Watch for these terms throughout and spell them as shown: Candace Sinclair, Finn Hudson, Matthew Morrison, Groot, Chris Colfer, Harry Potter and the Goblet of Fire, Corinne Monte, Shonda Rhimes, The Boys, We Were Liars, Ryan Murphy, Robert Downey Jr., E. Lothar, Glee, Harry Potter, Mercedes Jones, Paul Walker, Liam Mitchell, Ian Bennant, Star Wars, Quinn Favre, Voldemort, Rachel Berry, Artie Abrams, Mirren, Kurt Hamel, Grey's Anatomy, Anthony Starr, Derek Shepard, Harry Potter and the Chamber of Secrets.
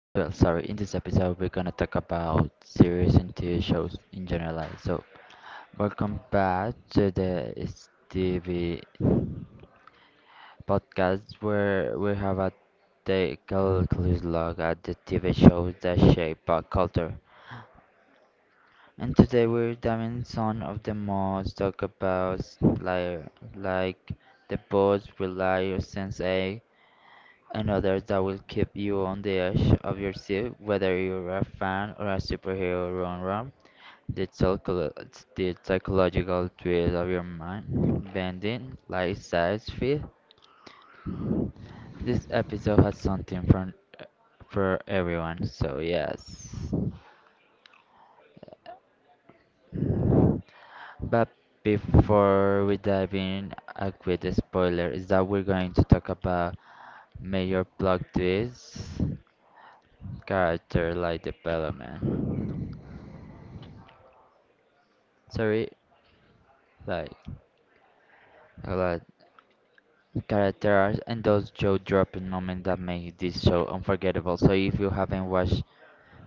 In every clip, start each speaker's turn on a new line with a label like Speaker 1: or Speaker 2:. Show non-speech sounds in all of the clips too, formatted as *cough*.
Speaker 1: sorry, in this episode we're gonna talk about series and TV shows in general. So welcome back to the TV podcast where we have a take a close look at the TV shows that shape pop culture. And today we're diving some of the most talk about like like the boys rely on sense eight, and others that will keep you on the edge of your seat, whether you're a fan or a superhero run-run. The, psycholo- the psychological twist of your mind, bending like size fit. This episode has something for everyone, so yes. But before we dive in, a quick spoiler is that we're going to talk about major plot twists, character development. Sorry, like a lot character arcs and those jaw dropping moments that make this show unforgettable. So if you haven't watched,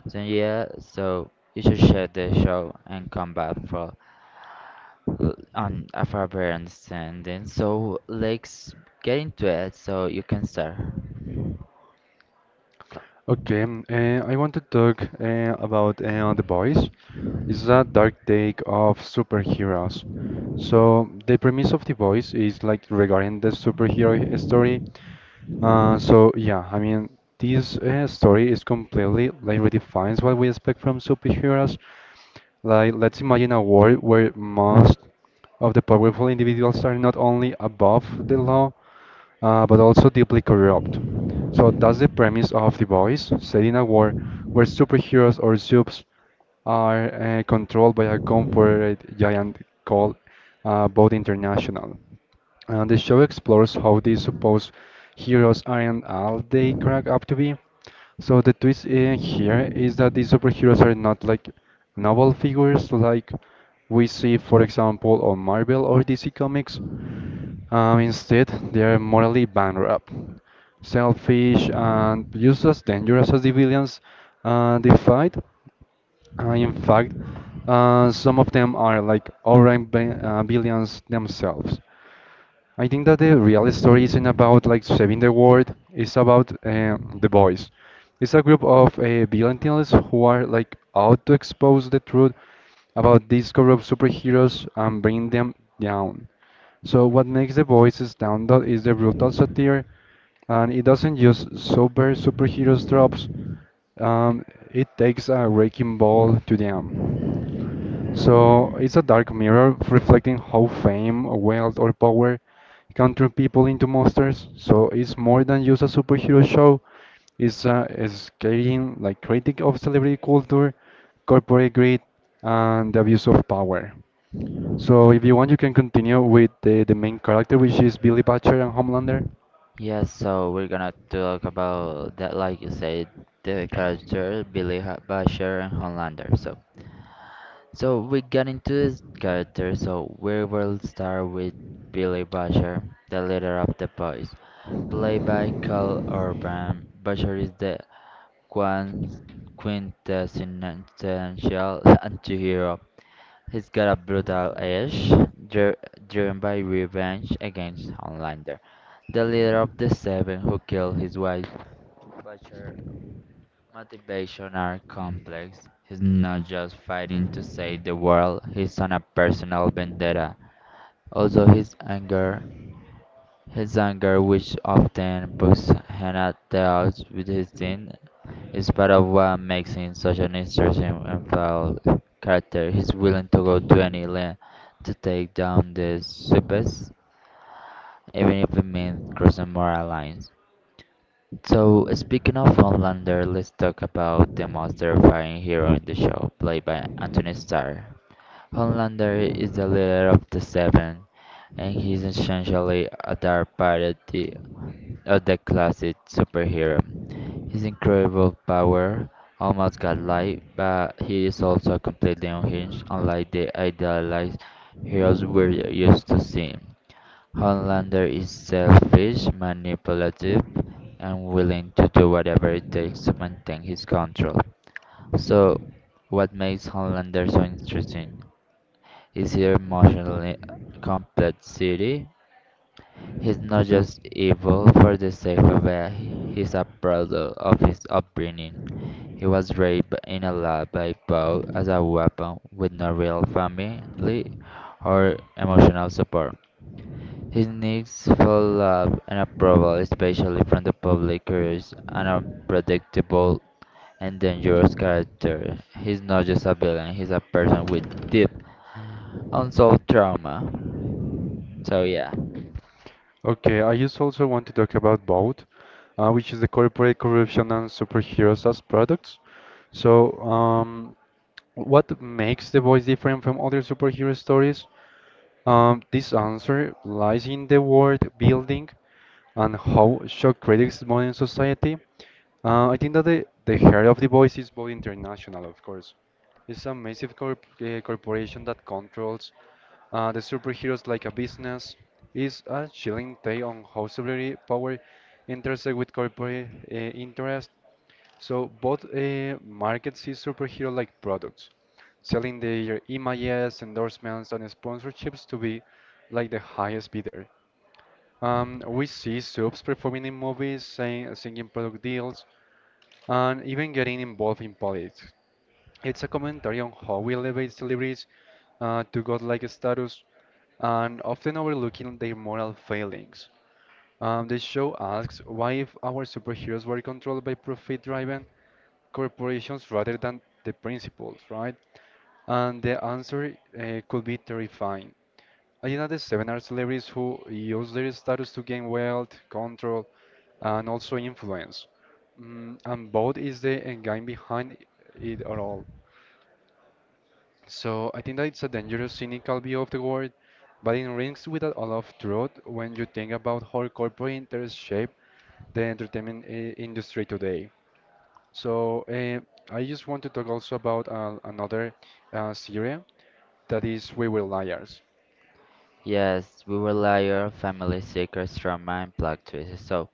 Speaker 1: so you should share the show and come back on a further understanding. So let's get into it so you can start.
Speaker 2: Okay, I want to talk about The Boys. It's a dark take of superheroes. So the premise of The Boys is like regarding the superhero story. I mean this story is completely like redefines what we expect from superheroes. Like let's imagine a world where most of the powerful individuals are not only above the law, but also deeply corrupt. So that's the premise of The Boys, set in a world where superheroes or soups are controlled by a corporate giant called Bold International. And the show explores how these supposed heroes aren't all they crack up to be. So the twist in here is that these superheroes are not like novel figures like we see, for example, on Marvel or DC Comics. Instead, they are morally bankrupt, selfish, and just as dangerous as civilians they fight. In fact, some of them are like over billions themselves. I think that the real story isn't about like saving the world. It's about the boys. It's a group of villains who are like out to expose the truth about these corrupt superheroes and bring them down. So what makes the boys stand out is the brutal satire, and it doesn't use sober superheroes tropes. Um, it takes a wrecking ball to them. So it's a dark mirror reflecting how fame, wealth, or power can turn people into monsters. So it's more than just a superhero show. It's a scathing like critic of celebrity culture, corporate greed, and the abuse of power. So if you want, you can continue with the main character, which is Billy Butcher and Homelander.
Speaker 1: Yeah, so we're gonna talk about that like you said, the character Billy Basher and Homelander. So we got into his character, so we will start with Billy Butcher, the leader of the boys. Played by Carl Urban, Butcher is the quan- quintessential *laughs* anti-hero. He's got a brutal edge, dri- driven by revenge against Homelander, the leader of the Seven who killed his wife. Butcher motivation are complex. He's not just fighting to save the world, he's on a personal vendetta. Also, his anger, which often puts him at the odds with his sin, is part of what makes him such an interesting and foul character. He's willing to go to any length to take down the supers, even if it means crossing moral lines. So, speaking of Homelander, let's talk about the most terrifying hero in the show, played by Anthony Starr. Homelander is the leader of the Seven, and he's essentially a dark parody of the classic superhero. His incredible power almost got life, but he is also completely unhinged, unlike the idealized heroes we're used to seeing. Hollander is selfish, manipulative, and willing to do whatever it takes to maintain his control. So, what makes Hollander so interesting is his emotionally complexity. He's not just evil for the sake of it, he's a product of his upbringing. He was raised in a lab by Poe as a weapon with no real family or emotional support. His needs for love and approval, especially from the public, creates an unpredictable and dangerous character. He's not just a villain, he's a person with deep unsolved trauma. So, yeah.
Speaker 2: Okay, I just also want to talk about both, which is the corporate corruption and superheroes as products. So, um, What makes The Boys different from other superhero stories? This answer lies in the world building and how shock critics modern society. I think that the heart of The Boys is both international, of course. It's a massive corporation that controls the superheroes like a business. It's a chilling tale on how celebrity power intersects with corporate interest. So both markets see superhero like products selling their images, endorsements, and sponsorships to be like the highest bidder. We see subs performing in movies, singing product deals, and even getting involved in politics. It's a commentary on how we elevate celebrities to godlike status and often overlooking their moral failings. The show asks why if our superheroes were controlled by profit-driven corporations rather than the principles, right? And the answer could be terrifying. Agenda 7 are celebrities who use their status to gain wealth, control, and also influence. Mm, and both is the end game behind it all. So I think that it's a dangerous, cynical view of the world, but it rings with a lot of truth when you think about how corporate interests shape the entertainment industry today. So I just want to talk also about another series that is We Were Liars.
Speaker 1: Yes, we will layer family secrets, trauma, and plot twists. So,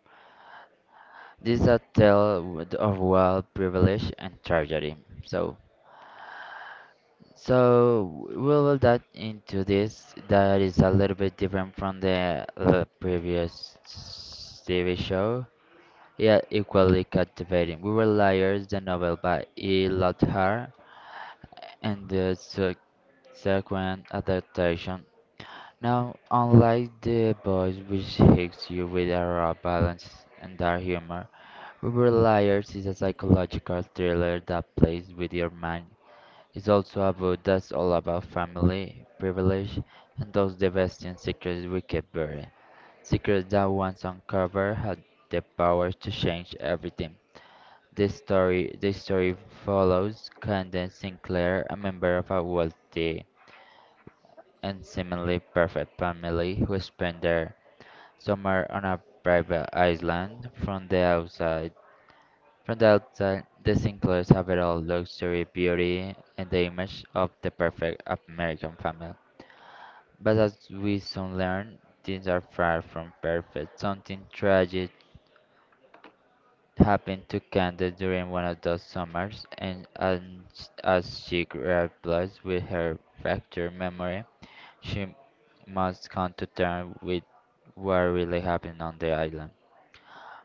Speaker 1: this is a tale of wealth, privilege, and tragedy. So, So we'll will dive into this that is a little bit different from the previous TV show, yet equally captivating. We Were Liars, the novel by E. Lothar, and the subsequent adaptation. Now, unlike The Boys, which hits you with a raw balance and dark humor, we Were Liars is a psychological thriller that plays with your mind. It's also a book that's all about family, privilege, and those devastating secrets we keep buried. Secrets that once uncovered had the power to change everything. This story follows Candace Sinclair, a member of a wealthy and seemingly perfect family who spend their summer on a private island. From the outside, the Sinclair's have it all: luxury, beauty, and the image of the perfect American family. But as we soon learn, things are far from perfect. Something tragic happened to Candace during one of those summers, as she grapples with her fractured memory, she must come to terms with what really happened on the island.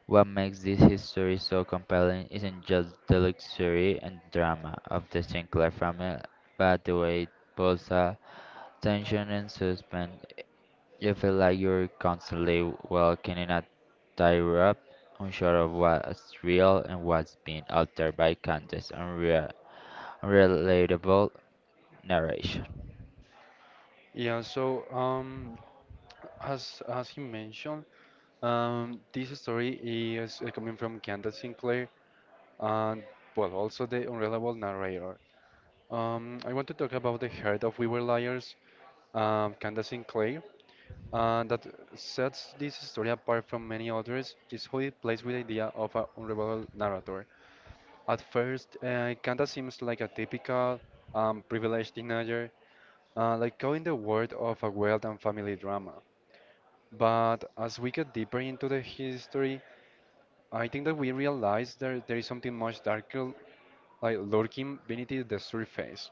Speaker 1: What makes this history so compelling isn't just the luxury and drama of the Sinclair family, but the way it pulls a tension and suspense. You feel like you're constantly walking in a tightrope, unsure of what's real and what's being altered by Candace's unrelatable narration.
Speaker 2: Yeah, so um, as he mentioned, this story is coming from Candace Sinclair and well, also the unreliable narrator. I want to talk about the heart of We Were Liars, Candace Sinclair, that sets this story apart from many others is how it plays with the idea of an unreliable narrator. At first, Candace seems like a typical privileged teenager, like caught in the world of a wealth and family drama. But as we get deeper into the history, I think that we realize that there is something much darker, like lurking beneath the surface.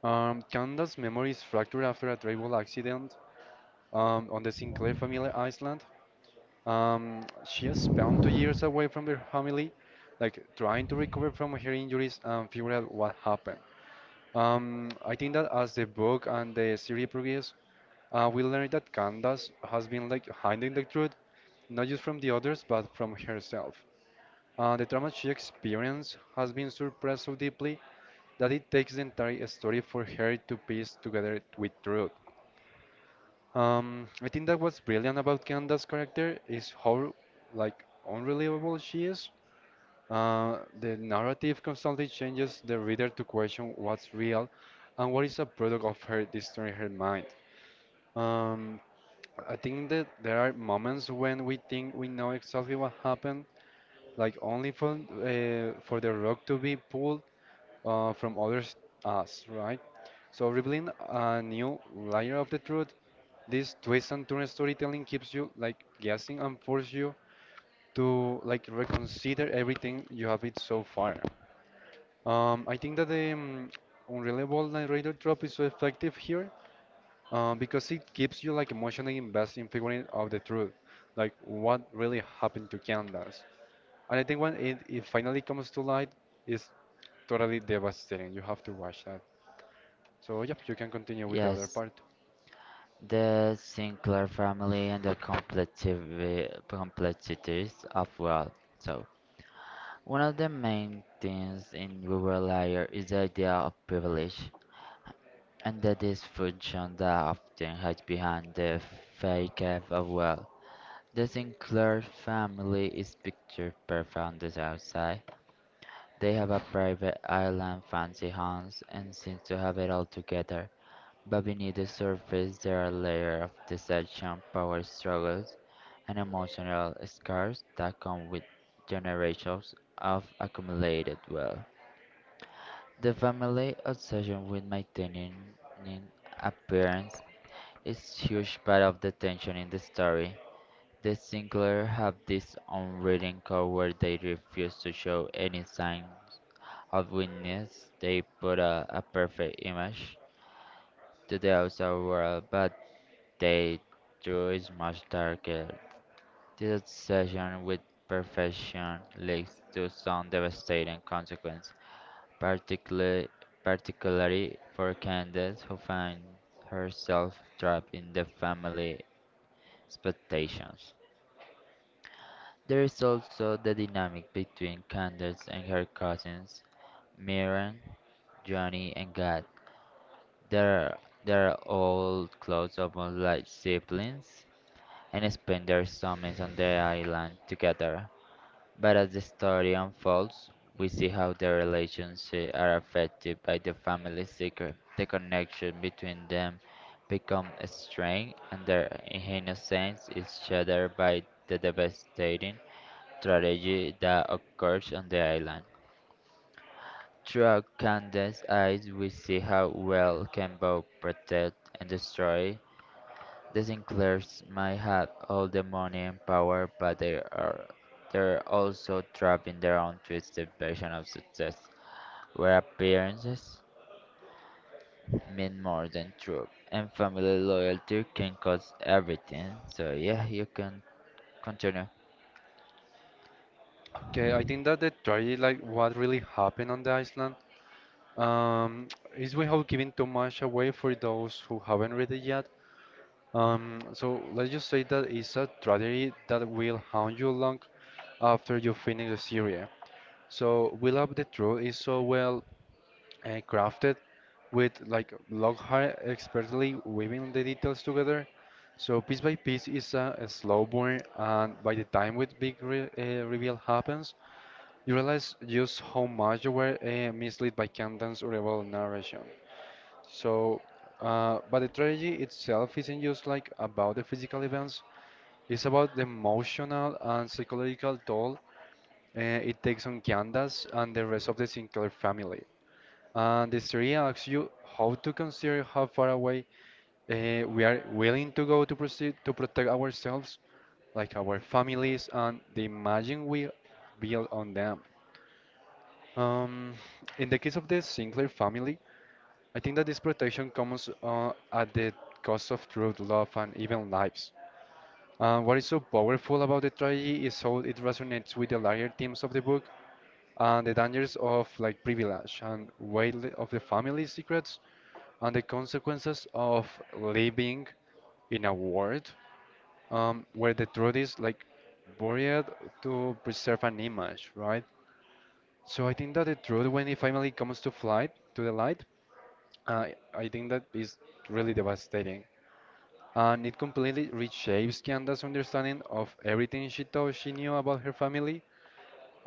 Speaker 2: Candace's memories fractured after a terrible accident on the Sinclair family island. She has spent 2 years away from her family, like trying to recover from her injuries and figure out what happened. I think that as the book and the series progress, we learn that Candace has been like hiding the truth not just from the others, but from herself. The trauma she experienced has been suppressed so deeply that it takes the entire story for her to piece together it with truth. I think that what's brilliant about Candace's character is how like unreliable she is. The narrative constantly changes the reader to question what's real and what is a product of her distorting her mind. Um, I think that there are moments when we think we know exactly what happened, like only for the rock to be pulled from others us, right? So revealing a new layer of the truth, this twist and turn storytelling keeps you like guessing and force you to like reconsider everything you have it so far. I think that the unreliable narrator trope is so effective here because it keeps you like emotionally invested in figuring out the truth, like what really happened to Candace. And I think when it finally comes to light, is totally devastating. You have to watch that. So yep, you can continue with the other
Speaker 1: Yes,
Speaker 2: part.
Speaker 1: the Sinclair family and the complexities of wealth. So, one of the main things in rural area is the idea of privilege and the dysfunction that often hides behind the fake of wealth. The Sinclair family is picture perfect on the south side. They have a private island, fancy homes, and seem to have it all together. But beneath the surface, there are layers of deception, power struggles, and emotional scars that come with generations of accumulated wealth. The family obsession with maintaining an appearance is huge part of the tension in the story. The Sinclair have this unwritten code where they refuse to show any signs of weakness. They put a perfect image to the outside world, but they true is much darker. This obsession with perfection leads to some devastating consequences, particularly particularly for Candace, who finds herself trapped in the family expectations. There is also the dynamic between Candace and her cousins, Mirren, Johnny, and God. They're, they're all close, almost like siblings, and spend their summers on the island together. But as the story unfolds, we see how their relationships are affected by the family secret. The connection between them becomes strained, and their innocence is shattered by the devastating tragedy that occurs on the island. Throughout Candace's eyes, we see how well can both protect and destroy. The Sinclairs might have all the money and power, but they're also trapped in their own twisted version of success, where appearances mean more than truth, and family loyalty can cost everything. So yeah, you can continue.
Speaker 2: Okay, I think that the tragedy, like what really happened on the island, um, is we have given too much away for those who haven't read it yet. So let's just say that it's a tragedy that will haunt you long after you finish the series. So we love the truth is so well and crafted with like long hair expertly weaving the details together. So piece by piece is a slow burn, and by the time with big re reveal happens, you realize just how much you were misled by Camden's rebel narration. So, but the tragedy itself isn't just like about the physical events; it's about the emotional and psychological toll it takes on Candace and the rest of the Sinclair family. And the story asks you how to consider how far away we are willing to go to proceed to protect ourselves, like our families, and the imagine we build on them. Um, in the case of the Sinclair family, I think that this protection comes at the cost of truth, love, and even lives. What is so powerful about the trilogy is how it resonates with the larger themes of the book and the dangers of like privilege and weight of the family's secrets, and the consequences of living in a world where the truth is like buried to preserve an image, right? So I think that the truth, when it finally comes to flight to the light, uh, I think that is really devastating, and it completely reshapes Kianda's understanding of everything she thought she knew about her family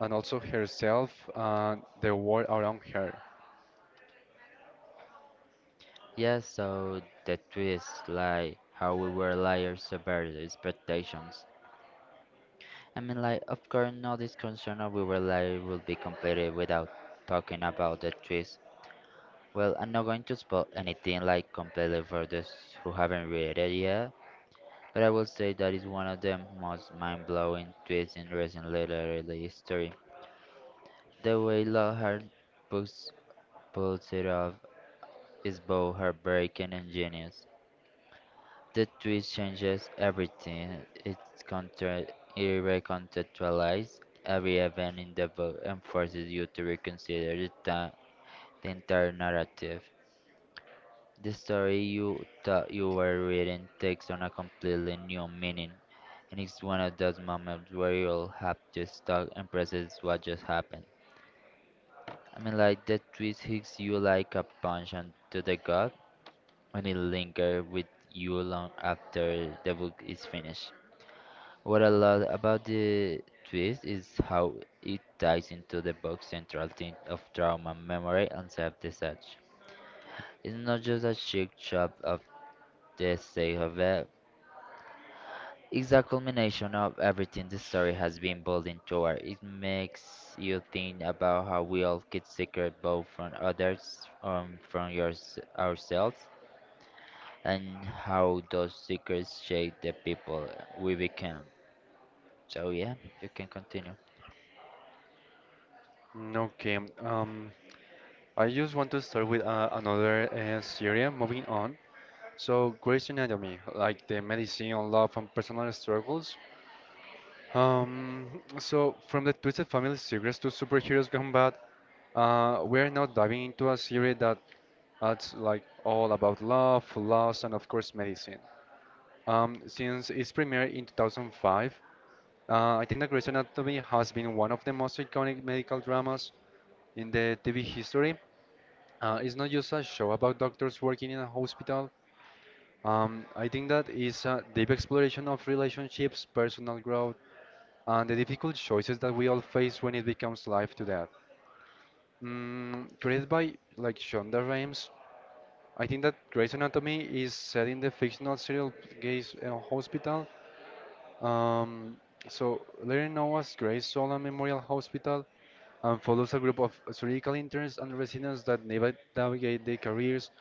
Speaker 2: and also herself and the world around her.
Speaker 1: Yeah, so the twist, like how we were liars about the expectations. I mean, like of course, no discussion of we were liars would be completed without talking about the twist. Well, I'm not going to spoil anything like completely for those who haven't read it yet, but I will say that it's one of the most mind-blowing twists in recent literary history. The way Lockhart books pulls it off is both heartbreaking and genius. The twist changes everything. It's counter, it recontextualizes every event in the book and forces you to reconsider the entire narrative. The story you thought you were reading takes on a completely new meaning, and it's one of those moments where you'll have to stop and process what just happened. I mean, like, the twist hits you like a punch onto the gut, and it lingers with you long after the book is finished. What I love about the twist is how it ties into the book's central theme of trauma, memory, and self-deception. It's not just a cheap shot of the sake of it. It's a culmination of everything the story has been building toward. It makes you think about how we all get secret both from others, ourselves, and how those secrets shape the people we become. So yeah, you can continue.
Speaker 2: Okay, I just want to start with another series, moving on. So, Grey's Anatomy, like the medicine, love, and personal struggles. From the Twisted Family series to superheroes gone bad, we're now diving into a series that that's like all about love, loss, and of course, medicine. Since its premiere in 2005, I think that Grey's Anatomy has been one of the most iconic medical dramas in the TV history. It's not just a show about doctors working in a hospital. I think that is a deep exploration of relationships, personal growth, and the difficult choices that we all face when it becomes life to death. Mm, created by like Shonda Rhimes, I think that Grey's Anatomy is set in the fictional serial Grey's Hospital. Um, so Larry Noah's Gray's Solon Memorial Hospital and follows a group of surgical interns and residents that navigate their careers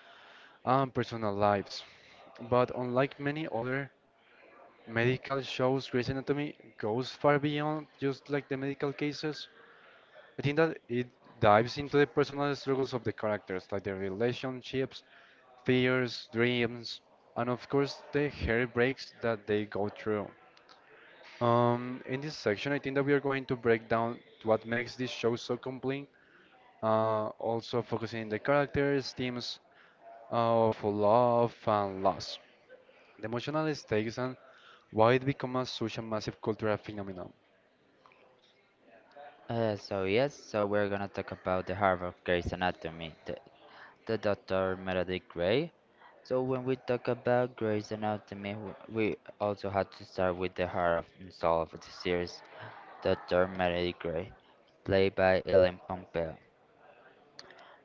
Speaker 2: and personal lives. But unlike many other medical shows Grey's Anatomy goes far beyond just like the medical cases. I think that it dives into the personal struggles of the characters, like their relationships, fears, dreams, and of course the heartbreaks that they go through. In this section, I think that we are going to break down what makes this show so compelling, also focusing on the characters, themes of love and loss, the emotional stakes, and why it became a such a massive cultural phenomenon.
Speaker 1: So yes, so we're gonna talk about the Harvard Grey's Anatomy, the Dr. Meredith Grey. So when we talk about Grey's Anatomy, we also had to start with the heart of and soul of the series. Dr. Melody Gray, played by Ellen Pompeo.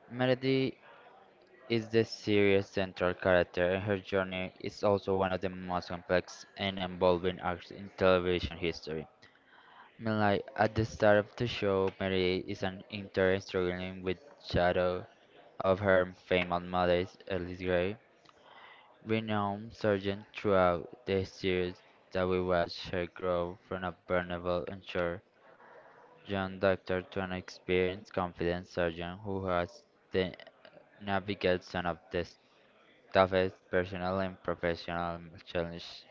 Speaker 1: Melody is the series' central character, and her journey is also one of the most complex and involving arcs in television history. Melody, at the start of the show, Melody is an intern struggling with shadow of her famous mother, Alice Gray, renowned surgeon throughout the series that we watch her grow from a vulnerable unsure John, doctor to an experienced, confident surgeon who has to navigate some of the toughest personal and professional challenges.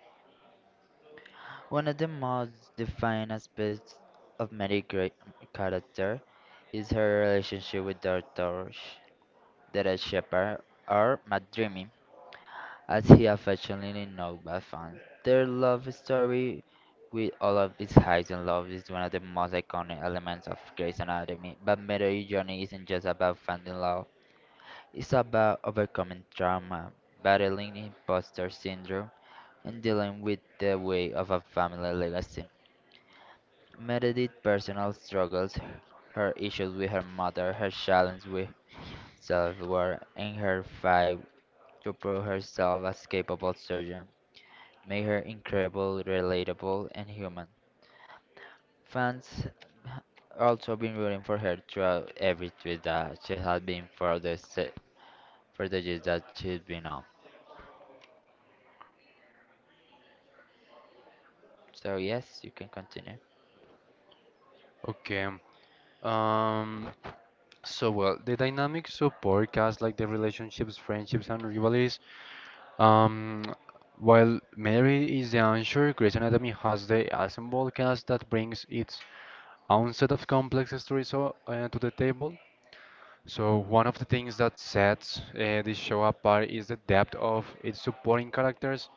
Speaker 1: One of the most defining aspects of Mary's great character is her relationship with Dr. Derek Shepard, or Matt Dreamy, as he affectionately known by fans. Their love story, with all of its highs and lows, is one of the most iconic elements of Grey's Anatomy. But Midori Journey isn't just about finding love; it's about overcoming trauma, battling imposter syndrome, and dealing with the weight of a family legacy. Meredith's personal struggles, her issues with her mother, her challenge with self-worth, and her fight to prove herself as capable surgeon made her incredible, relatable, and human. Fans ha- also been rooting for her throughout every tweet that she has been for the years that she's been on. So yes, you can continue.
Speaker 2: Okay. Um, the dynamics of podcasts, like the relationships, friendships, and rivalries. Um, while Mary is the answer, Grey's Anatomy has the ensemble cast that brings its own set of complex stories to the table. So one of the things that sets this show apart is the depth of its supporting characters,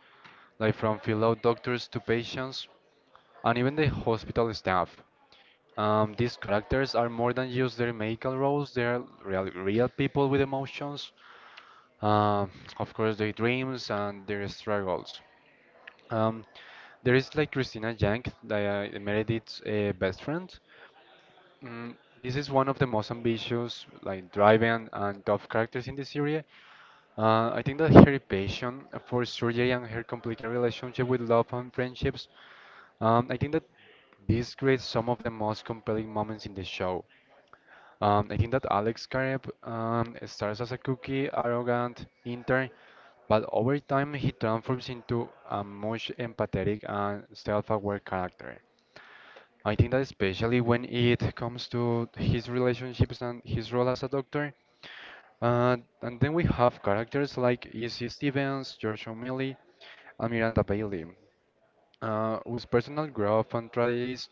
Speaker 2: like from fellow doctors to patients, and even the hospital staff. These characters are more than just their magical roles, they are real people with emotions, uh, of course, their dreams and their struggles. Um, there is like Christina Jank, Meredith's best friend. Mm, this is one of the most ambitious, like driving and tough characters in the series. I think that her passion for surgery and her complicated relationship with love and friendships, I think that this creates some of the most compelling moments in the show. I think that Alex Karev starts as a cookie, arrogant intern, but over time he transforms into a much empathetic and self-aware character. I think that especially when it comes to his relationships and his role as a doctor. Uh, and then we have characters like Izzy Stevens, George O'Malley, and Miranda Bailey. With personal growth and tragedies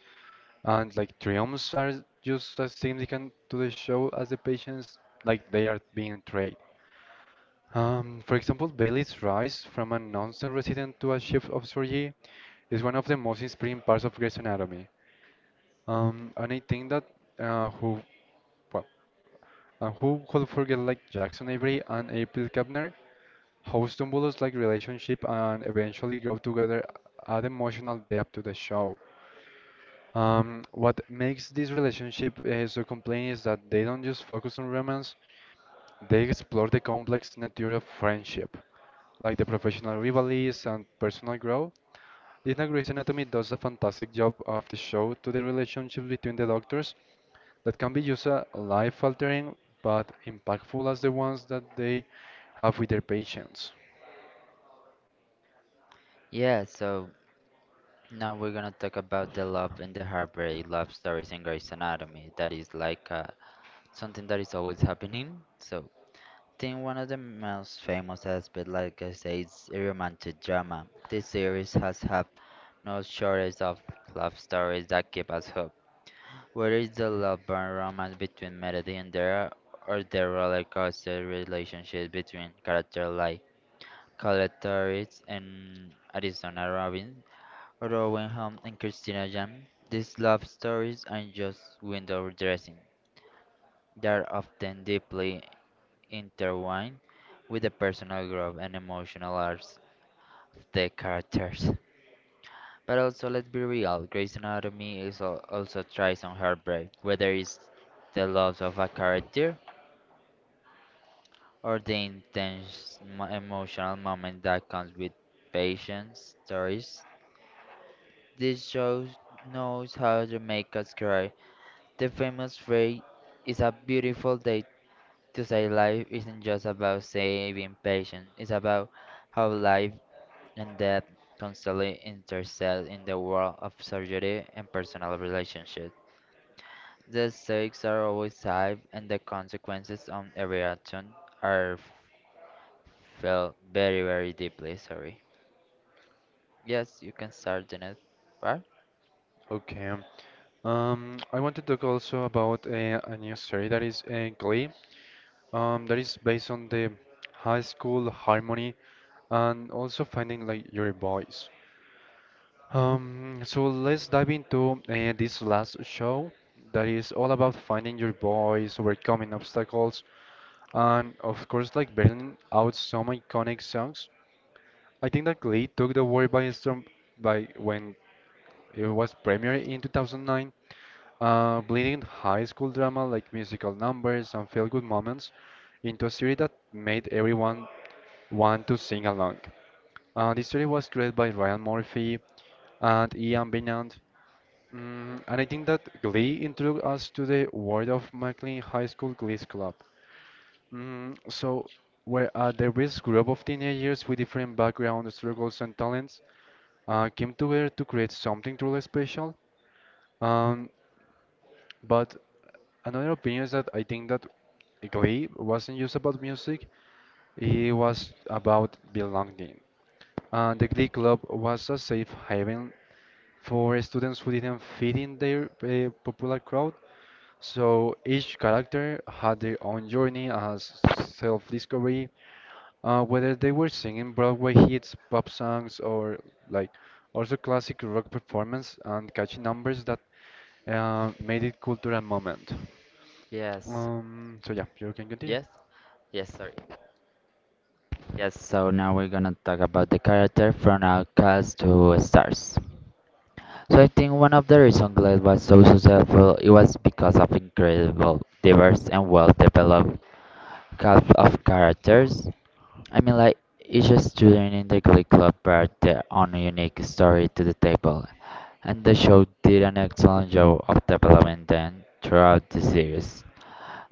Speaker 2: and like triumphs are just as significant to the show as the patients like they are being treated. For example, Bailey's rise from a nonsense resident to a chief of surgery is one of the most inspiring parts of Grey's Anatomy. And I think that uh, who well, and who could forget like Jackson Avery and April Kepner, how Stumbulo's like relationship and eventually grow together add emotional depth to the show. What makes this relationship so compelling is that they don't just focus on romance, they explore the complex nature of friendship, like the professional rivalries and personal growth. Lina Grey's Anatomy does a fantastic job of the show to the relationship between the doctors that can be just life-altering but impactful as the ones that they have with their patients.
Speaker 1: Yeah, so now we're gonna talk about the love and the heartbreak love stories in Grey's Anatomy. That is like something that is always happening. So I think one of the most famous aspects, like I say, is a romantic drama. This series has had no shortage of love stories that keep us hooked. Whether it's the love burn romance between Melody and Dara, or the roller coaster relationship between characters like Colette Torres and Arizona Robbins, or Owen Home and Christina Jam, these love stories aren't just window dressing. They're often deeply intertwined with the personal growth and emotional arcs of the characters. But also, let's be real, Grey's Anatomy is also tries on heartbreak, whether it's the loss of a character or the intense emotional moment that comes with patients' stories. This show knows how to make us cry. The famous phrase is a beautiful day to say life isn't just about saving patients, it's about how life and death constantly intersect in the world of surgery and personal relationships. The stakes are always high, and the consequences on every action are felt very, very deeply. Sorry. Yes, you can start the next part.
Speaker 2: Okay. I want to talk also about a new story that is Glee. That is based on the high school harmony and also finding like your voice. So let's dive into this last show that is all about finding your voice, overcoming obstacles, and of course, like bringing out some iconic songs. I think that Glee took the world by storm by when it was premiered in 2009. Blending high school drama like musical numbers and feel-good moments into a series that made everyone want to sing along. This series was created by Ryan Murphy and Ian Bennant. Mm, and I think that Glee introduced us to the world of McLean High School Glee Club. Mm, so, where a diverse group of teenagers with different backgrounds, struggles, and talents came together to create something truly special. Um, but another opinion is that I think that Glee wasn't just about music, it was about belonging. And the Glee Club was a safe haven for students who didn't fit in their popular crowd. So each character had their own journey as self-discovery, whether they were singing Broadway hits, pop songs, or like also classic rock performance and catchy numbers that made it cultural moment.
Speaker 1: Yes.
Speaker 2: So yeah, you can continue.
Speaker 1: Yes. Yes, sorry. Yes, so now we're gonna talk about the character from outcast to stars. So I think one of the reasons Glade was so successful it was because of incredible diverse and well developed cast of characters. I mean, like each student in the Glee Club brought their own unique story to the table, and the show did an excellent job of developing them throughout the series.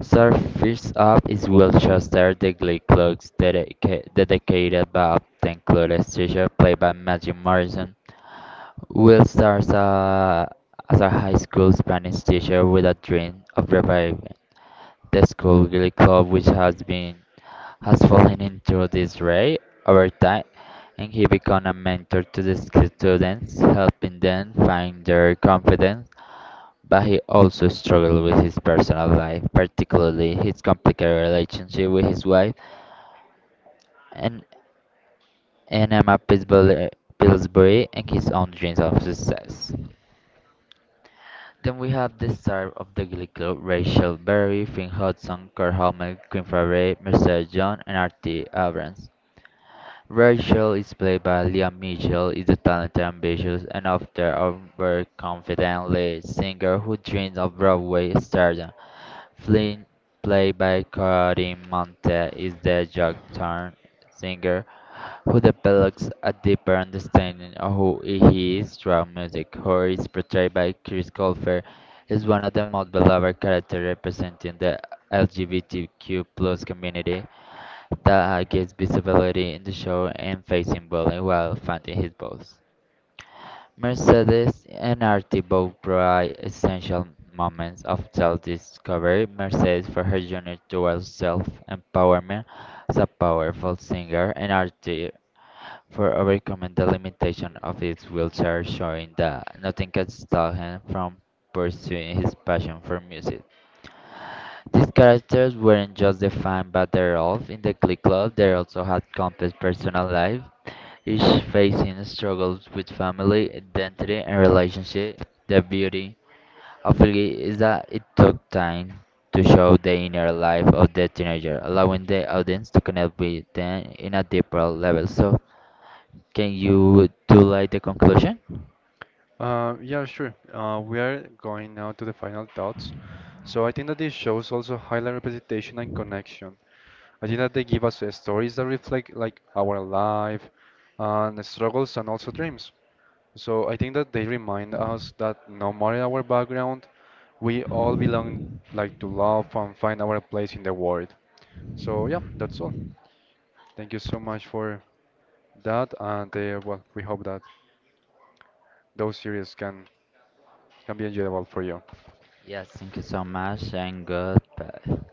Speaker 1: So first up is Will Shuster, the Glee Club's dedicated but often clueless teacher, played by Matthew Morrison. Will starts as a high school Spanish teacher with a dream of reviving the school really club which has fallen into disarray over time, and he became a mentor to the students, helping them find their confidence. But he also struggled with his personal life, particularly his complicated relationship with his wife and and Emma Pillsbury and his own dreams of success. Then we have the star of the Glee Club, Rachel Berry, Finn Hudson, Kurt Hamel, Quinn Favre, Mercedes Jones, and Artie Abrams. Rachel is played by Liam Mitchell, is a talented, ambitious, and often overconfident lead singer who dreams of Broadway stardom. Flynn, played by Corinne Monte, is the jock-turned singer who develops a deeper understanding of who he is through music. Who is portrayed by Chris Colfer is one of the most beloved characters representing the LGBTQ plus community that gets visibility in the show and facing bullying while finding his voice. Mercedes and Artie both provide essential moments of self-discovery. Mercedes for her journey towards self-empowerment as a powerful singer, and Artie for overcoming the limitation of his wheelchair, showing that nothing can stop him from pursuing his passion for music. These characters weren't just defined by their role in the Glee Club, they also had complex personal life, each facing struggles with family, identity, and relationship. The beauty of it is that it took time to show the inner life of the teenager, allowing the audience to connect with them in a deeper level. So can you do like the conclusion?
Speaker 2: Yeah, sure. We are going now to the final thoughts. So I think that these shows also highlight representation and connection. I think that they give us stories that reflect like our life and the struggles and also dreams. So I think that they remind us that no matter our background, we all belong like to love and find our place in the world. So yeah, that's all. Thank you so much for that, and we hope that those series can be enjoyable for you
Speaker 1: Yes, thank you so much and goodbye.